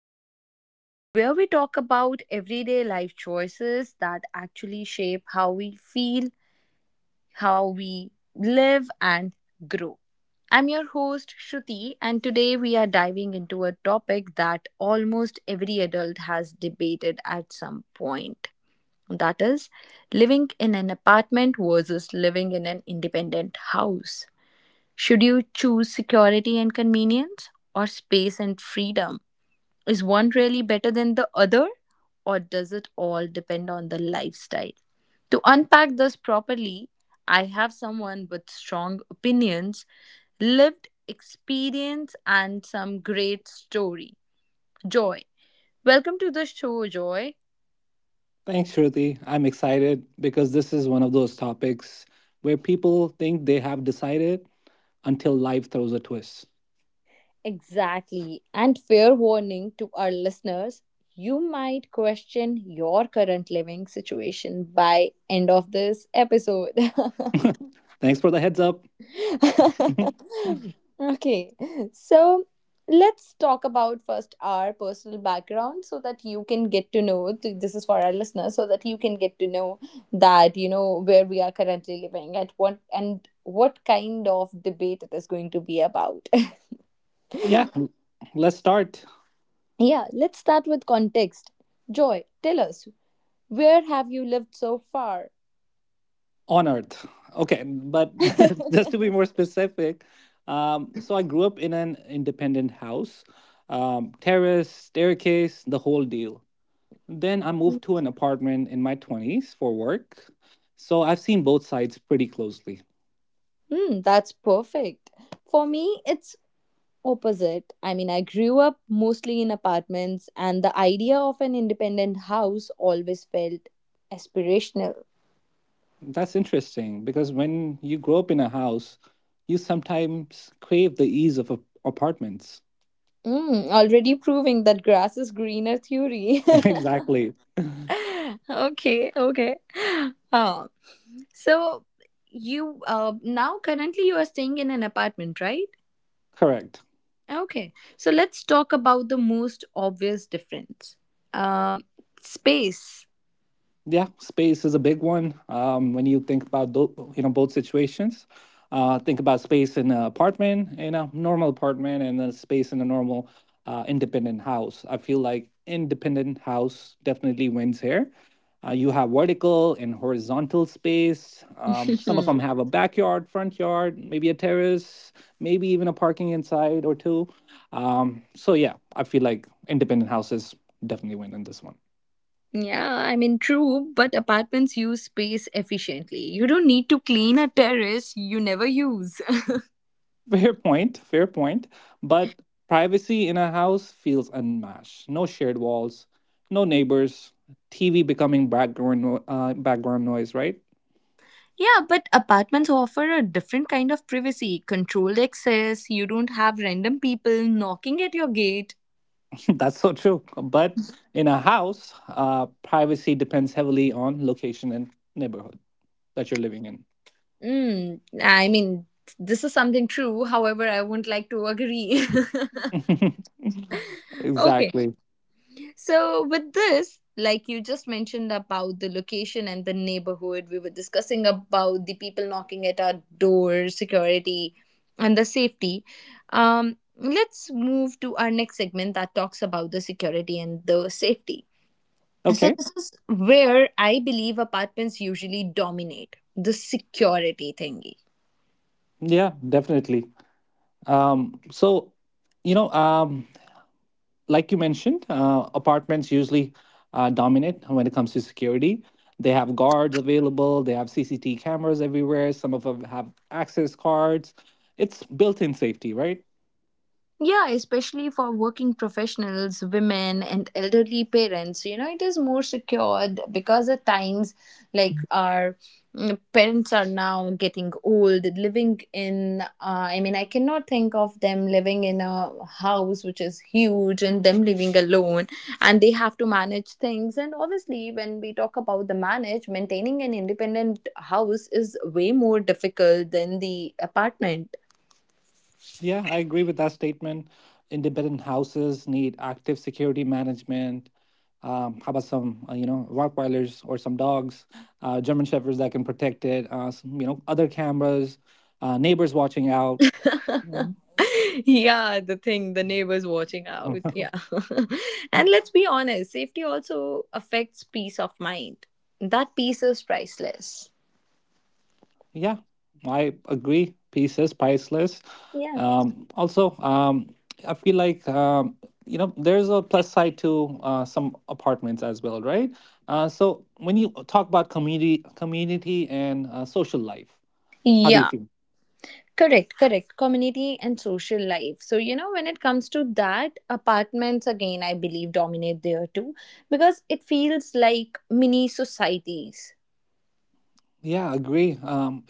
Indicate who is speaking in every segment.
Speaker 1: podcast where we talk about everyday life choices that actually shape how we feel, how we live, and grow. I'm your host, Shruti, and today we are diving into a topic that almost every adult has debated at some point. That is living in an apartment versus living in an independent house. Should you choose security and convenience or space and freedom? Is one really better than the other or does it all depend on the lifestyle? To unpack this properly, I have someone with strong opinions, lived experience, and some great story. Joy. Welcome to the show, Joy.
Speaker 2: Thanks, Shruti. I'm excited because this is one of those topics where people think they have decided until life throws a twist.
Speaker 1: Exactly. And fair warning to our listeners, you might question your current living situation by end of this episode.
Speaker 2: Thanks for the heads up.
Speaker 1: Okay. So, let's talk about first our personal background so that you can get to know, this is for our listeners so that you can get to know that where we are currently living at, what and what kind of debate it is going to be about.
Speaker 2: Yeah, let's start
Speaker 1: Yeah, let's start with context. Joy, tell us, where have you lived so far?
Speaker 2: on Earth. Okay, but just to be more specific, so I grew up in an independent house, terrace, staircase, the whole deal. Then I moved to an apartment in my 20s for work. So I've seen both sides pretty closely.
Speaker 1: Hmm, that's perfect. For me, it's opposite. I mean, I grew up mostly in apartments, and the idea of an independent house always felt aspirational.
Speaker 2: That's interesting because when you grow up in a house, you sometimes crave the ease of apartments.
Speaker 1: Mm, already proving that grass is greener theory.
Speaker 2: Exactly.
Speaker 1: Okay, okay. Uh, so you now currently you are staying in an apartment, right?
Speaker 2: Correct.
Speaker 1: Okay, so let's talk about the most obvious difference. Um, space.
Speaker 2: Yeah, space is a big one. When you think about you know both situations, think about space in an apartment, in a normal apartment, and then space in a normal independent house. I feel like independent house definitely wins here. You have vertical and horizontal space. Some of
Speaker 1: Yeah,
Speaker 2: them have a backyard, front yard, maybe a terrace, maybe even a parking inside or two. So yeah, I feel like independent houses definitely win in this one.
Speaker 1: I mean, true, but apartments use space efficiently. You don't need to clean a terrace you never use.
Speaker 2: Fair point, fair point. But privacy in a house feels unmatched. No shared walls, no neighbors, TV becoming background background noise, right?
Speaker 1: Yeah, but apartments offer a different kind of privacy, controlled access, you don't have random people knocking at your gate.
Speaker 2: That's so true. But in a house, privacy depends heavily on location and neighborhood that you're living in.
Speaker 1: Mm, I mean, this is something true, however, I would not like to agree. Okay.
Speaker 2: Exactly.
Speaker 1: So, with this, like you just mentioned about the location and the neighborhood, we were discussing about the people knocking at our door, security, and the safety. Let's move to our next segment that talks about the security and the safety. So,
Speaker 2: Okay.
Speaker 1: this is where I believe apartments usually dominate the security thingy.
Speaker 2: Yeah, definitely. Um, so, you know, um, like you mentioned, apartments usually dominate when it comes to security. They have guards available, they have CCTV cameras everywhere, some of them have access cards. It's built in safety, right?
Speaker 1: Yeah, especially for working professionals, women, and elderly parents, it is more secured because at times, like our mm, parents are now getting old, living in, I mean, I cannot think of them living in a house which is huge and them living alone, and they have to manage things. And obviously, when we talk about the manage, maintaining an independent house is way more difficult than the apartment.
Speaker 2: Yeah, I agree with that statement. Independent houses need active security management. How about some, you know, Rottweilers or some dogs, German Shepherds that can protect it, some, you know, other cameras, neighbors watching out.
Speaker 1: Yeah, the thing, the neighbors watching out. Yeah. And let's be honest, safety also affects peace of mind. That peace is priceless.
Speaker 2: Yeah, I agree. Peace is priceless.
Speaker 1: Yeah.
Speaker 2: Um, also, um, I feel like you know there's a plus side to some apartments as well, right? So when you talk about community and social life, how do you
Speaker 1: Yeah.
Speaker 2: feel?
Speaker 1: Correct, correct. Community and social life. So, when it comes to that, apartments again, I believe, dominate there too because it feels like mini societies.
Speaker 2: Yeah, agree.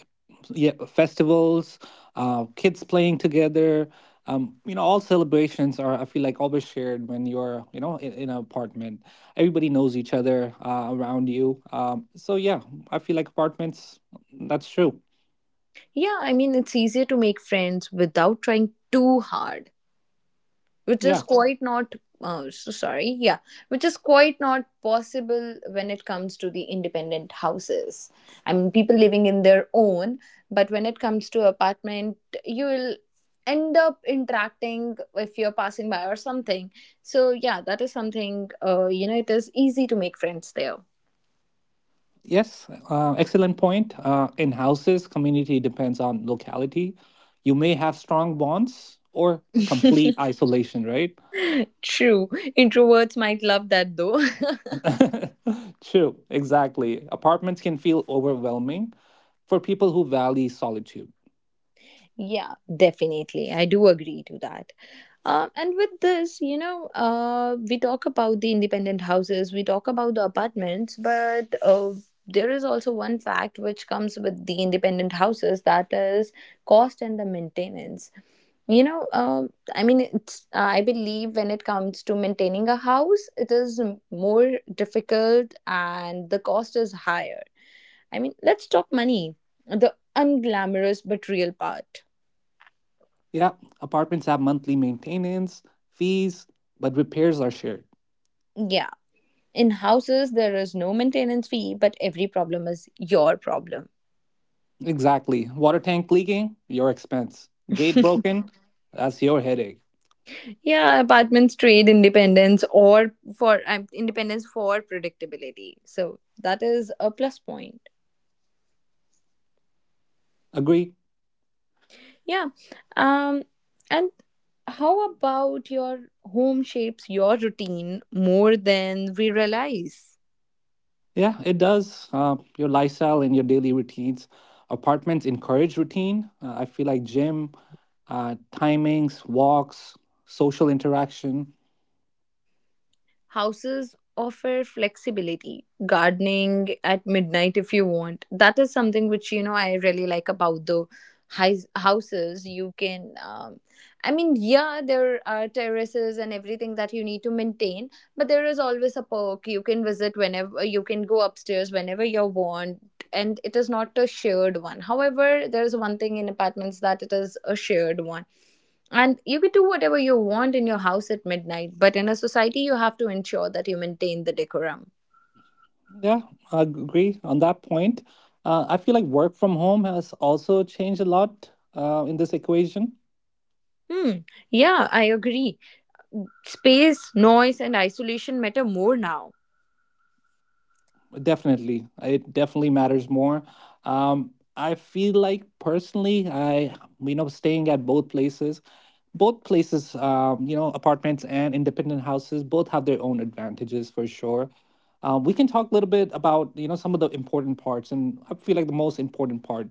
Speaker 2: Yeah festivals, kids playing together, you know all celebrations are, I feel like, always shared when you're you know in an apartment, everybody knows each other around you, so yeah, I feel like apartments, that's true.
Speaker 1: Yeah, I mean, it's easier to make friends without trying too hard, which is
Speaker 2: Yeah.
Speaker 1: quite not, so sorry, yeah, which is quite not possible when it comes to the independent houses. I mean people living in their own, but when it comes to apartment, you will end up interacting if you're passing by or something. So yeah, that is something, it is easy to make friends there.
Speaker 2: Yes, excellent point. Uh, in houses community depends on locality. You may have strong bonds or complete isolation, right?
Speaker 1: True. Introverts might love that though.
Speaker 2: True, exactly. Apartments can feel overwhelming for people who value solitude.
Speaker 1: Yeah, definitely I do agree to that. And with this, we talk about the independent houses, we talk about the apartments, but there is also one fact which comes with the independent houses, that is cost and the maintenance. You know, uh, I mean, it's, I believe when it comes to maintaining a house, it is more difficult and the cost is higher. I mean, let's talk money, the unglamorous but real part.
Speaker 2: Yeah, apartments have monthly maintenance, fees, but repairs are shared.
Speaker 1: Yeah, in houses, there is no maintenance fee, but every problem is your problem.
Speaker 2: Exactly. Water tank leaking, your expense. Gate broken, that's your headache.
Speaker 1: Yeah, apartments trade independence for predictability. So that is a plus point.
Speaker 2: Agree?
Speaker 1: Yeah. Um, and how about your home shapes your routine more than we realize?
Speaker 2: Yeah, it does. Your lifestyle and your daily routines. Apartments encourage routine. I feel like gym, timings, walks, social interaction.
Speaker 1: Houses offer flexibility, gardening at midnight if you want. That is something which I really like about the houses. You can, I mean, yeah, there are terraces and everything that you need to maintain, but there is always a perk. You can visit whenever, you can go upstairs whenever you want. And it is not a shared one. However, there is one thing in apartments, that it is a shared one, and you can do whatever you want in your house at midnight, but in a society, you have to ensure that you maintain the decorum.
Speaker 2: Yeah, I agree on that point. I feel like work from home has also changed a lot in this equation.
Speaker 1: Hmm, yeah, I agree. Space, noise, and isolation matter more now.
Speaker 2: Definitely, it definitely matters more. Um, I feel like personally, I staying at both places, you know, apartments and independent houses both have their own advantages for sure. We can talk a little bit about you know some of the important parts, and I feel like the most important part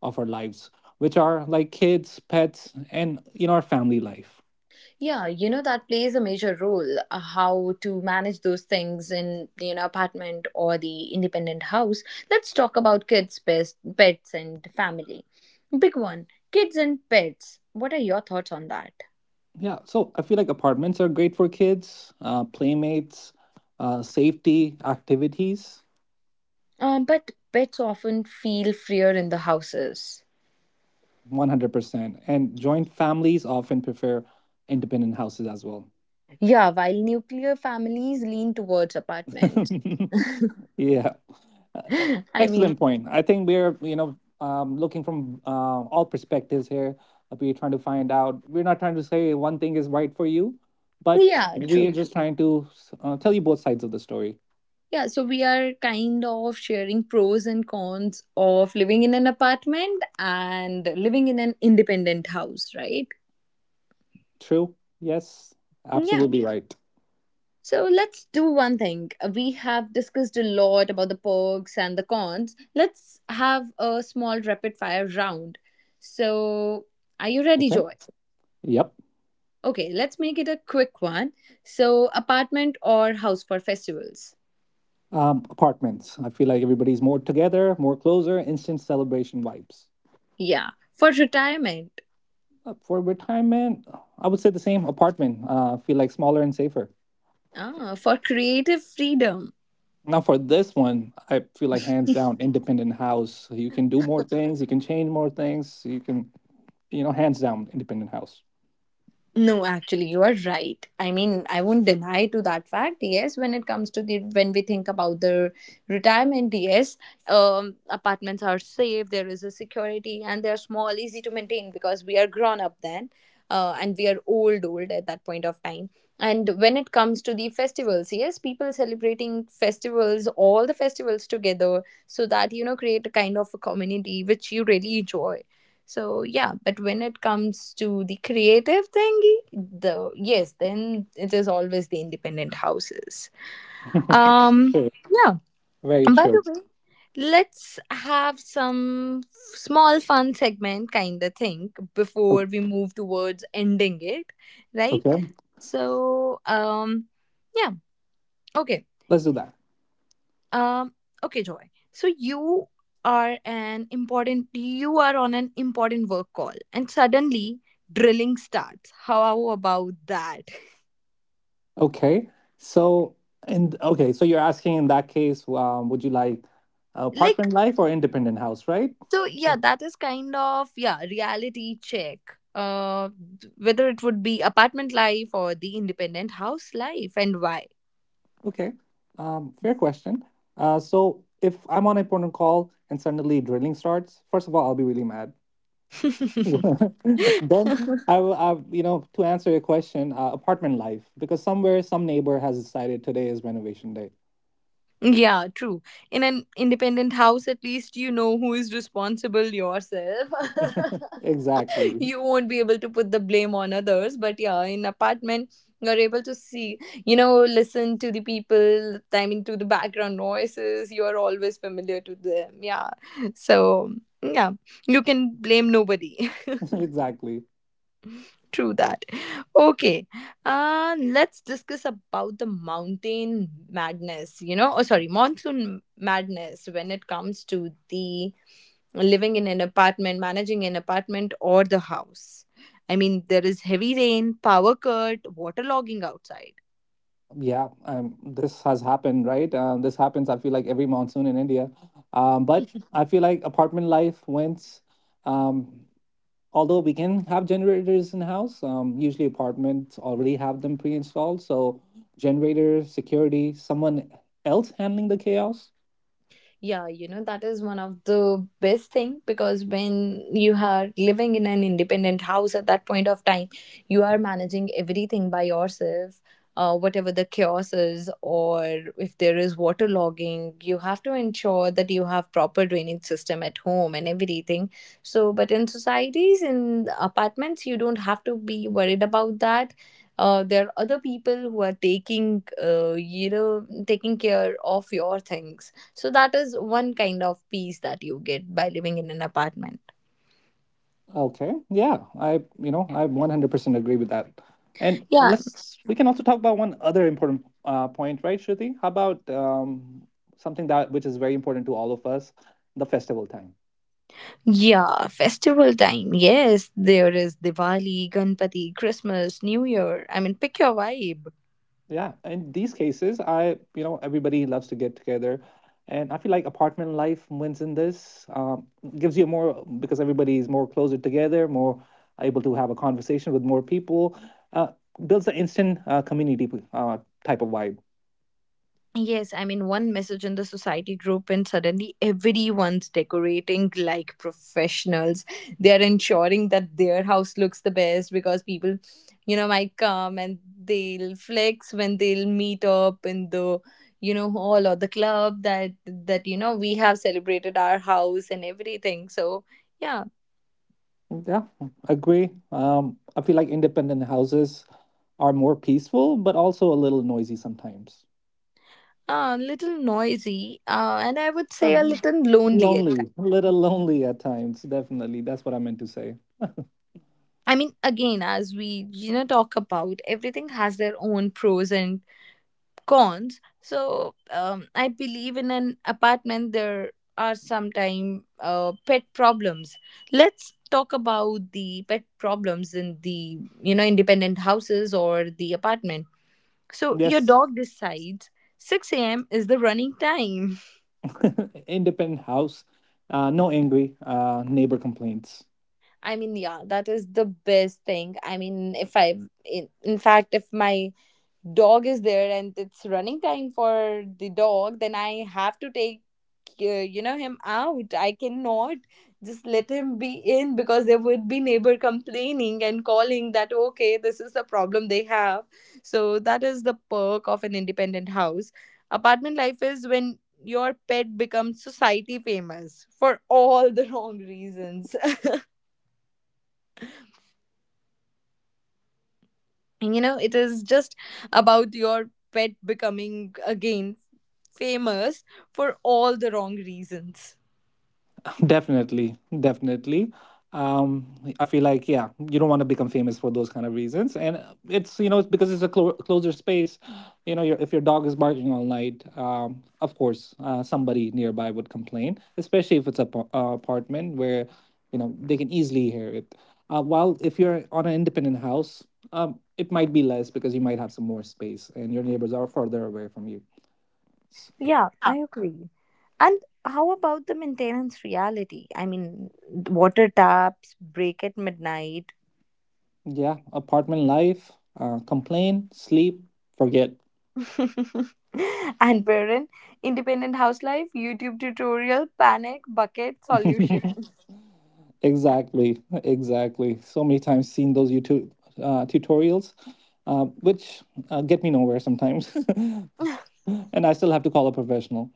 Speaker 2: of our lives, which are like kids, pets, and you know our family life.
Speaker 1: Yeah, that plays a major role, how to manage those things in, apartment or the independent house. Let's talk about kids, pets, and family. Big one, kids and pets. What are your thoughts on that?
Speaker 2: Yeah, so I feel like apartments are great for kids, playmates, safety, activities,
Speaker 1: But pets often feel freer in the houses.
Speaker 2: 100%. And joint families often prefer independent houses as well.
Speaker 1: Yeah, while nuclear families lean towards apartments.
Speaker 2: Yeah. Uh, e-
Speaker 1: I mean,
Speaker 2: excellent point. I think we're, you know, looking from all perspectives here. We're trying to find out, we're not trying to say one thing is right for you, but
Speaker 1: yeah,
Speaker 2: we're
Speaker 1: true.
Speaker 2: just trying to tell you both sides of the story.
Speaker 1: Yeah, so we are kind of sharing pros and cons of living in an apartment and living in an independent house, right?
Speaker 2: True? Yes,
Speaker 1: Yeah.
Speaker 2: absolutely right.
Speaker 1: So let's do one thing. We have discussed a lot about the perks and the cons. Let's have a small rapid fire round. So, are you ready, Joy?
Speaker 2: Yep.
Speaker 1: Okay, let's make it a quick one. So, apartment or house for festivals?
Speaker 2: Apartments. I feel like everybody's more together, more closer, instant celebration vibes.
Speaker 1: Yeah, for retirement.
Speaker 2: For retirement, I would say the same apartment. Feel like smaller and safer.
Speaker 1: Ah, for creative freedom.
Speaker 2: Now, for this one, I feel like hands down, independent house. You can do more things, you can change more things, you can, you know, hands down, independent house.
Speaker 1: No, actually, you are right. I mean, I won't deny to that fact. Yes, when it comes to the when we think about the retirement, yes, apartments are safe. There is a security, and they're small, easy to maintain because we are grown up then, and we are old, old at that point of time. And when it comes to the festivals, yes, people celebrating festivals, all the festivals together, so that create a kind of a community which you really enjoy. So yeah, but when it comes to the creative thingy, the yes, then it is always the independent houses. Um,
Speaker 2: True.
Speaker 1: yeah.
Speaker 2: Very
Speaker 1: And by the
Speaker 2: true.
Speaker 1: way, let's have some small fun segment kind of thing
Speaker 2: O-
Speaker 1: before we move towards ending it, right?
Speaker 2: Okay.
Speaker 1: So um, yeah, okay.
Speaker 2: Let's do that.
Speaker 1: Um, okay, Joy. So you are an important, you are on an important work call and suddenly drilling starts. How about that?
Speaker 2: Okay. So, and okay, so you're asking in that case, would you like
Speaker 1: Like,
Speaker 2: apartment life or independent house, right?
Speaker 1: so yeah, that is kind of, yeah, reality check. Uh Whether it would be apartment life or the independent house life, and why.
Speaker 2: Okay, fair question. So if I'm on a important call and suddenly drilling starts, first of all, I'll be really mad. Then I will, you know, to answer your question, apartment life, because somewhere some neighbor has decided today is renovation day.
Speaker 1: Yeah, true. In an independent house at least you know who is responsible, yourself.
Speaker 2: Exactly,
Speaker 1: You won't be able to put the blame on others, but yeah, in apartment, you're able to see, listen to the people, I mean to the background noises, you are always familiar to them, yeah. So yeah, you can blame nobody.
Speaker 2: exactly.
Speaker 1: True that. Okay, let's discuss about the mountain madness, you know, or sorry, monsoon madness when it comes to the living in an apartment, managing an apartment or the house. I mean, there is heavy rain, power cut, water logging outside.
Speaker 2: Yeah, this has happened, right? This happens. I feel like every monsoon in India, but I feel like apartment life went. Um, although we can have generators in house, usually apartments already have them pre-installed, so generator, security, someone else handling the chaos.
Speaker 1: Yeah, that is one of the best thing, because when you are living in an independent house at that point of time, you are managing everything by yourself, whatever the chaos is. Or if there is water logging, you have to ensure that you have proper drainage system at home and everything. So but in societies, in apartments, you don't have to be worried about that. There are other people who are taking, taking care of your things. So that is one kind of peace that you get by living in an apartment.
Speaker 2: Okay, yeah, I, you know, I 100% agree with that. And
Speaker 1: Yeah.
Speaker 2: let's, we can also talk about one other important point, right, Shruti? How about something that, which is very important to all of us, the festival time.
Speaker 1: Yeah, festival time. Yes, there is Diwali, Ganpati, Christmas, New Year. I mean, pick your vibe.
Speaker 2: Yeah, in these cases, I, you know, everybody loves to get together, and I feel like apartment life wins in this. Gives you more because everybody is more closer together, more able to have a conversation with more people. Uh, builds an instant community type of vibe.
Speaker 1: Yes, I mean, one message in the society group, and suddenly everyone's decorating like professionals. They are ensuring that their house looks the best because people, might come and they'll flex when they'll meet up in the, hall or the club, that, we have celebrated our house and everything. So, yeah,
Speaker 2: Yeah, agree. I feel like independent houses are more peaceful, but also a little noisy sometimes.
Speaker 1: a little noisy, and I would say a
Speaker 2: I'm
Speaker 1: little lonely.
Speaker 2: lonely, a little lonely at times. Definitely, that's what I meant to say.
Speaker 1: I mean, again, as we talk about, everything has their own pros and cons. So I believe in an apartment there are sometime pet problems. Let's talk about the pet problems in the independent houses or the apartment. So your
Speaker 2: Yes.
Speaker 1: dog decides. 6 a.m. is the running time.
Speaker 2: Independent house, no angry neighbor complaints.
Speaker 1: I mean, yeah, that is the best thing. I mean, if I, in fact, if my dog is there and it's running time for the dog, then I have to take, him out. I cannot just let him be in, because there would be neighbor complaining and calling that okay, this is the problem they have. So that is the perk of an independent house. Apartment life is when your pet becomes society famous for all the wrong reasons. You know, it is just about your pet becoming again famous for all the wrong reasons.
Speaker 2: Definitely, definitely. Um, I feel like yeah, you don't want to become famous for those kind of reasons, and it's you know it's because it's a closer space. You know, if your dog is barking all night, of course somebody nearby would complain, especially if it's a apartment where you know they can easily hear it. While if you're on an independent house, it might be less because you might have some more space and your neighbors are further away from you. S-
Speaker 1: Yeah, I agree. And how about the maintenance reality? I mean, water taps break at midnight.
Speaker 2: yeah, apartment life, complain, sleep, forget.
Speaker 1: And parent, independent house life, YouTube tutorial, panic, bucket, solution.
Speaker 2: Exactly, exactly. So many times seen those YouTube tutorials, which get me nowhere sometimes, and I still have to call a professional.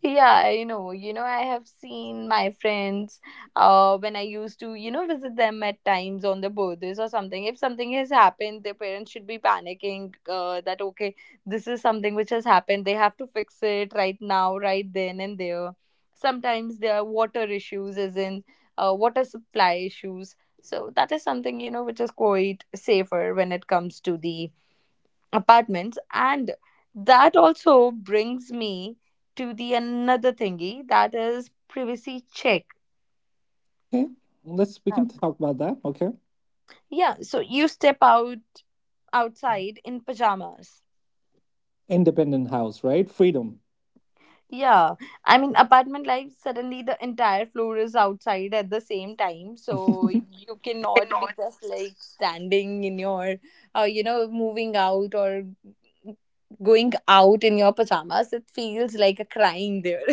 Speaker 1: Yeah, I know. You know, I have seen my friends, when I used to, visit them at times on the birthdays or something. If something has happened, their parents should be panicking, that, okay, this is something which has happened. They have to fix it right now, right then and there. Sometimes there are water issues, as in water supply issues. So that is something, which is quite safer when it comes to the apartments. And that also brings me to the another thingy, that is privacy check.
Speaker 2: Okay, let's, we
Speaker 1: Oh.
Speaker 2: can talk about that. Okay,
Speaker 1: Yeah, so you step out outside in pajamas.
Speaker 2: independent house, right? Freedom.
Speaker 1: Yeah, I mean apartment life, suddenly the entire floor is outside at the same time, so you cannot be just like standing in your, moving out or going out in your pajamas, it feels like a crime there.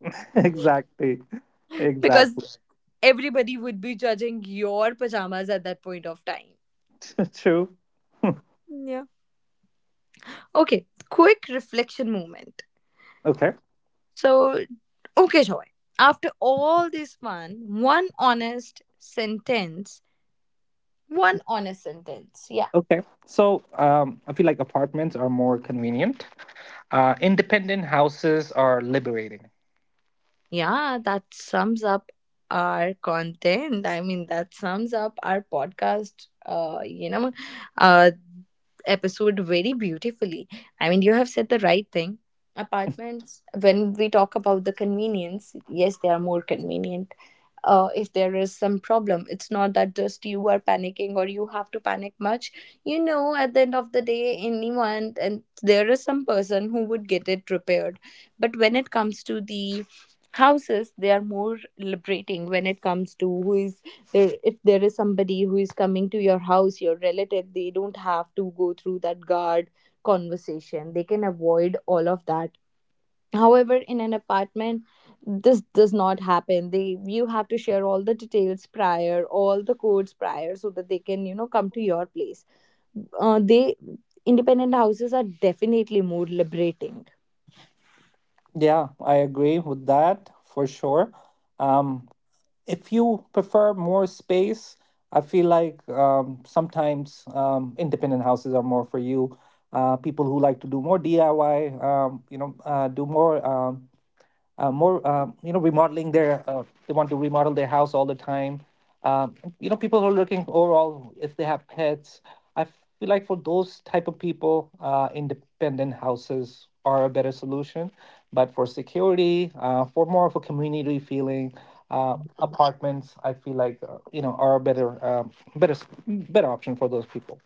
Speaker 2: Exactly, exactly.
Speaker 1: Because everybody would be judging your pajamas at that point of time.
Speaker 2: True.
Speaker 1: Yeah. Okay, quick reflection moment.
Speaker 2: Okay.
Speaker 1: So, okay, Joy, after all this fun, one honest sentence, yeah.
Speaker 2: Okay. So I feel like apartments are more convenient. Independent houses are liberating.
Speaker 1: Yeah, that sums up our content. I mean, that sums up our podcast, uh, episode very beautifully. I mean, you have said the right thing. Apartments, when we talk about the convenience, yes, they are more convenient, if there is some problem. It's not that just you are panicking or you have to panic much. You know, at the end of the day, anyone, and there is some person who would get it repaired. But when it comes to the houses, they are more liberating. When it comes to who is there, if there is somebody who is coming to your house, your relative, they don't have to go through that guard conversation, they can avoid all of that. However, in an apartment, this does not happen. They, you have to share all the details prior, all the codes prior, so that they can come to your place. They independent houses are definitely more liberating.
Speaker 2: Yeah, I agree with that for sure. Um, if you prefer more space, I feel like sometimes independent houses are more for you. People who like to do more DIY, you know, do more. More you know remodeling their, they want to remodel their house all the time, um, you know, people who are looking overall, if they have pets, I feel like for those type of people independent houses are a better solution. But for security, for more of a community feeling, apartments, I feel like, you know, are a better better option for those people.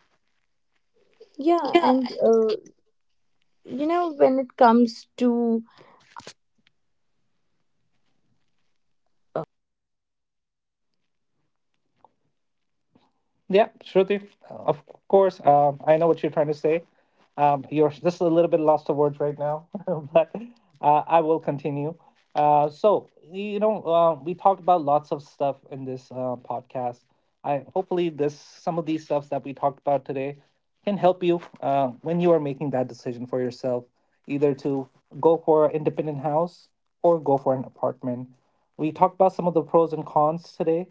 Speaker 2: Yeah, Yeah, Shruti, of course. I know what you're trying to say. You're just a little bit lost of words right now, but I will continue. So we talked about lots of stuff in this podcast. I hopefully this, some of these stuffs that we talked about today can help you when you are making that decision for yourself, either to go for an independent house or go for an apartment. We talked about some of the pros and cons today.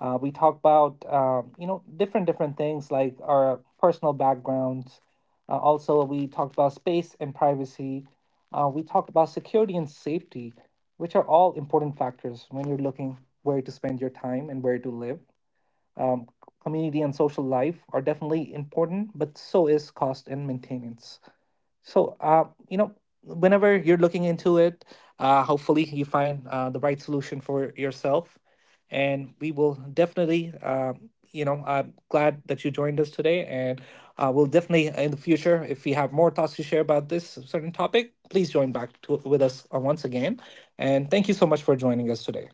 Speaker 2: We talk about you know different different things like our personal backgrounds. Also, we talked about space and privacy. We talked about security and safety, which are all important factors when you're looking where to spend your time and where to live. Um, community and social life are definitely important, but so is cost and maintenance. So, you know, whenever you're looking into it, hopefully you find the right solution for yourself. And we will definitely, you know, I'm glad that you joined us today. And we'll definitely, in the future, if we have more thoughts to share about this certain topic, please join back with us once again. And thank you so much for joining us today.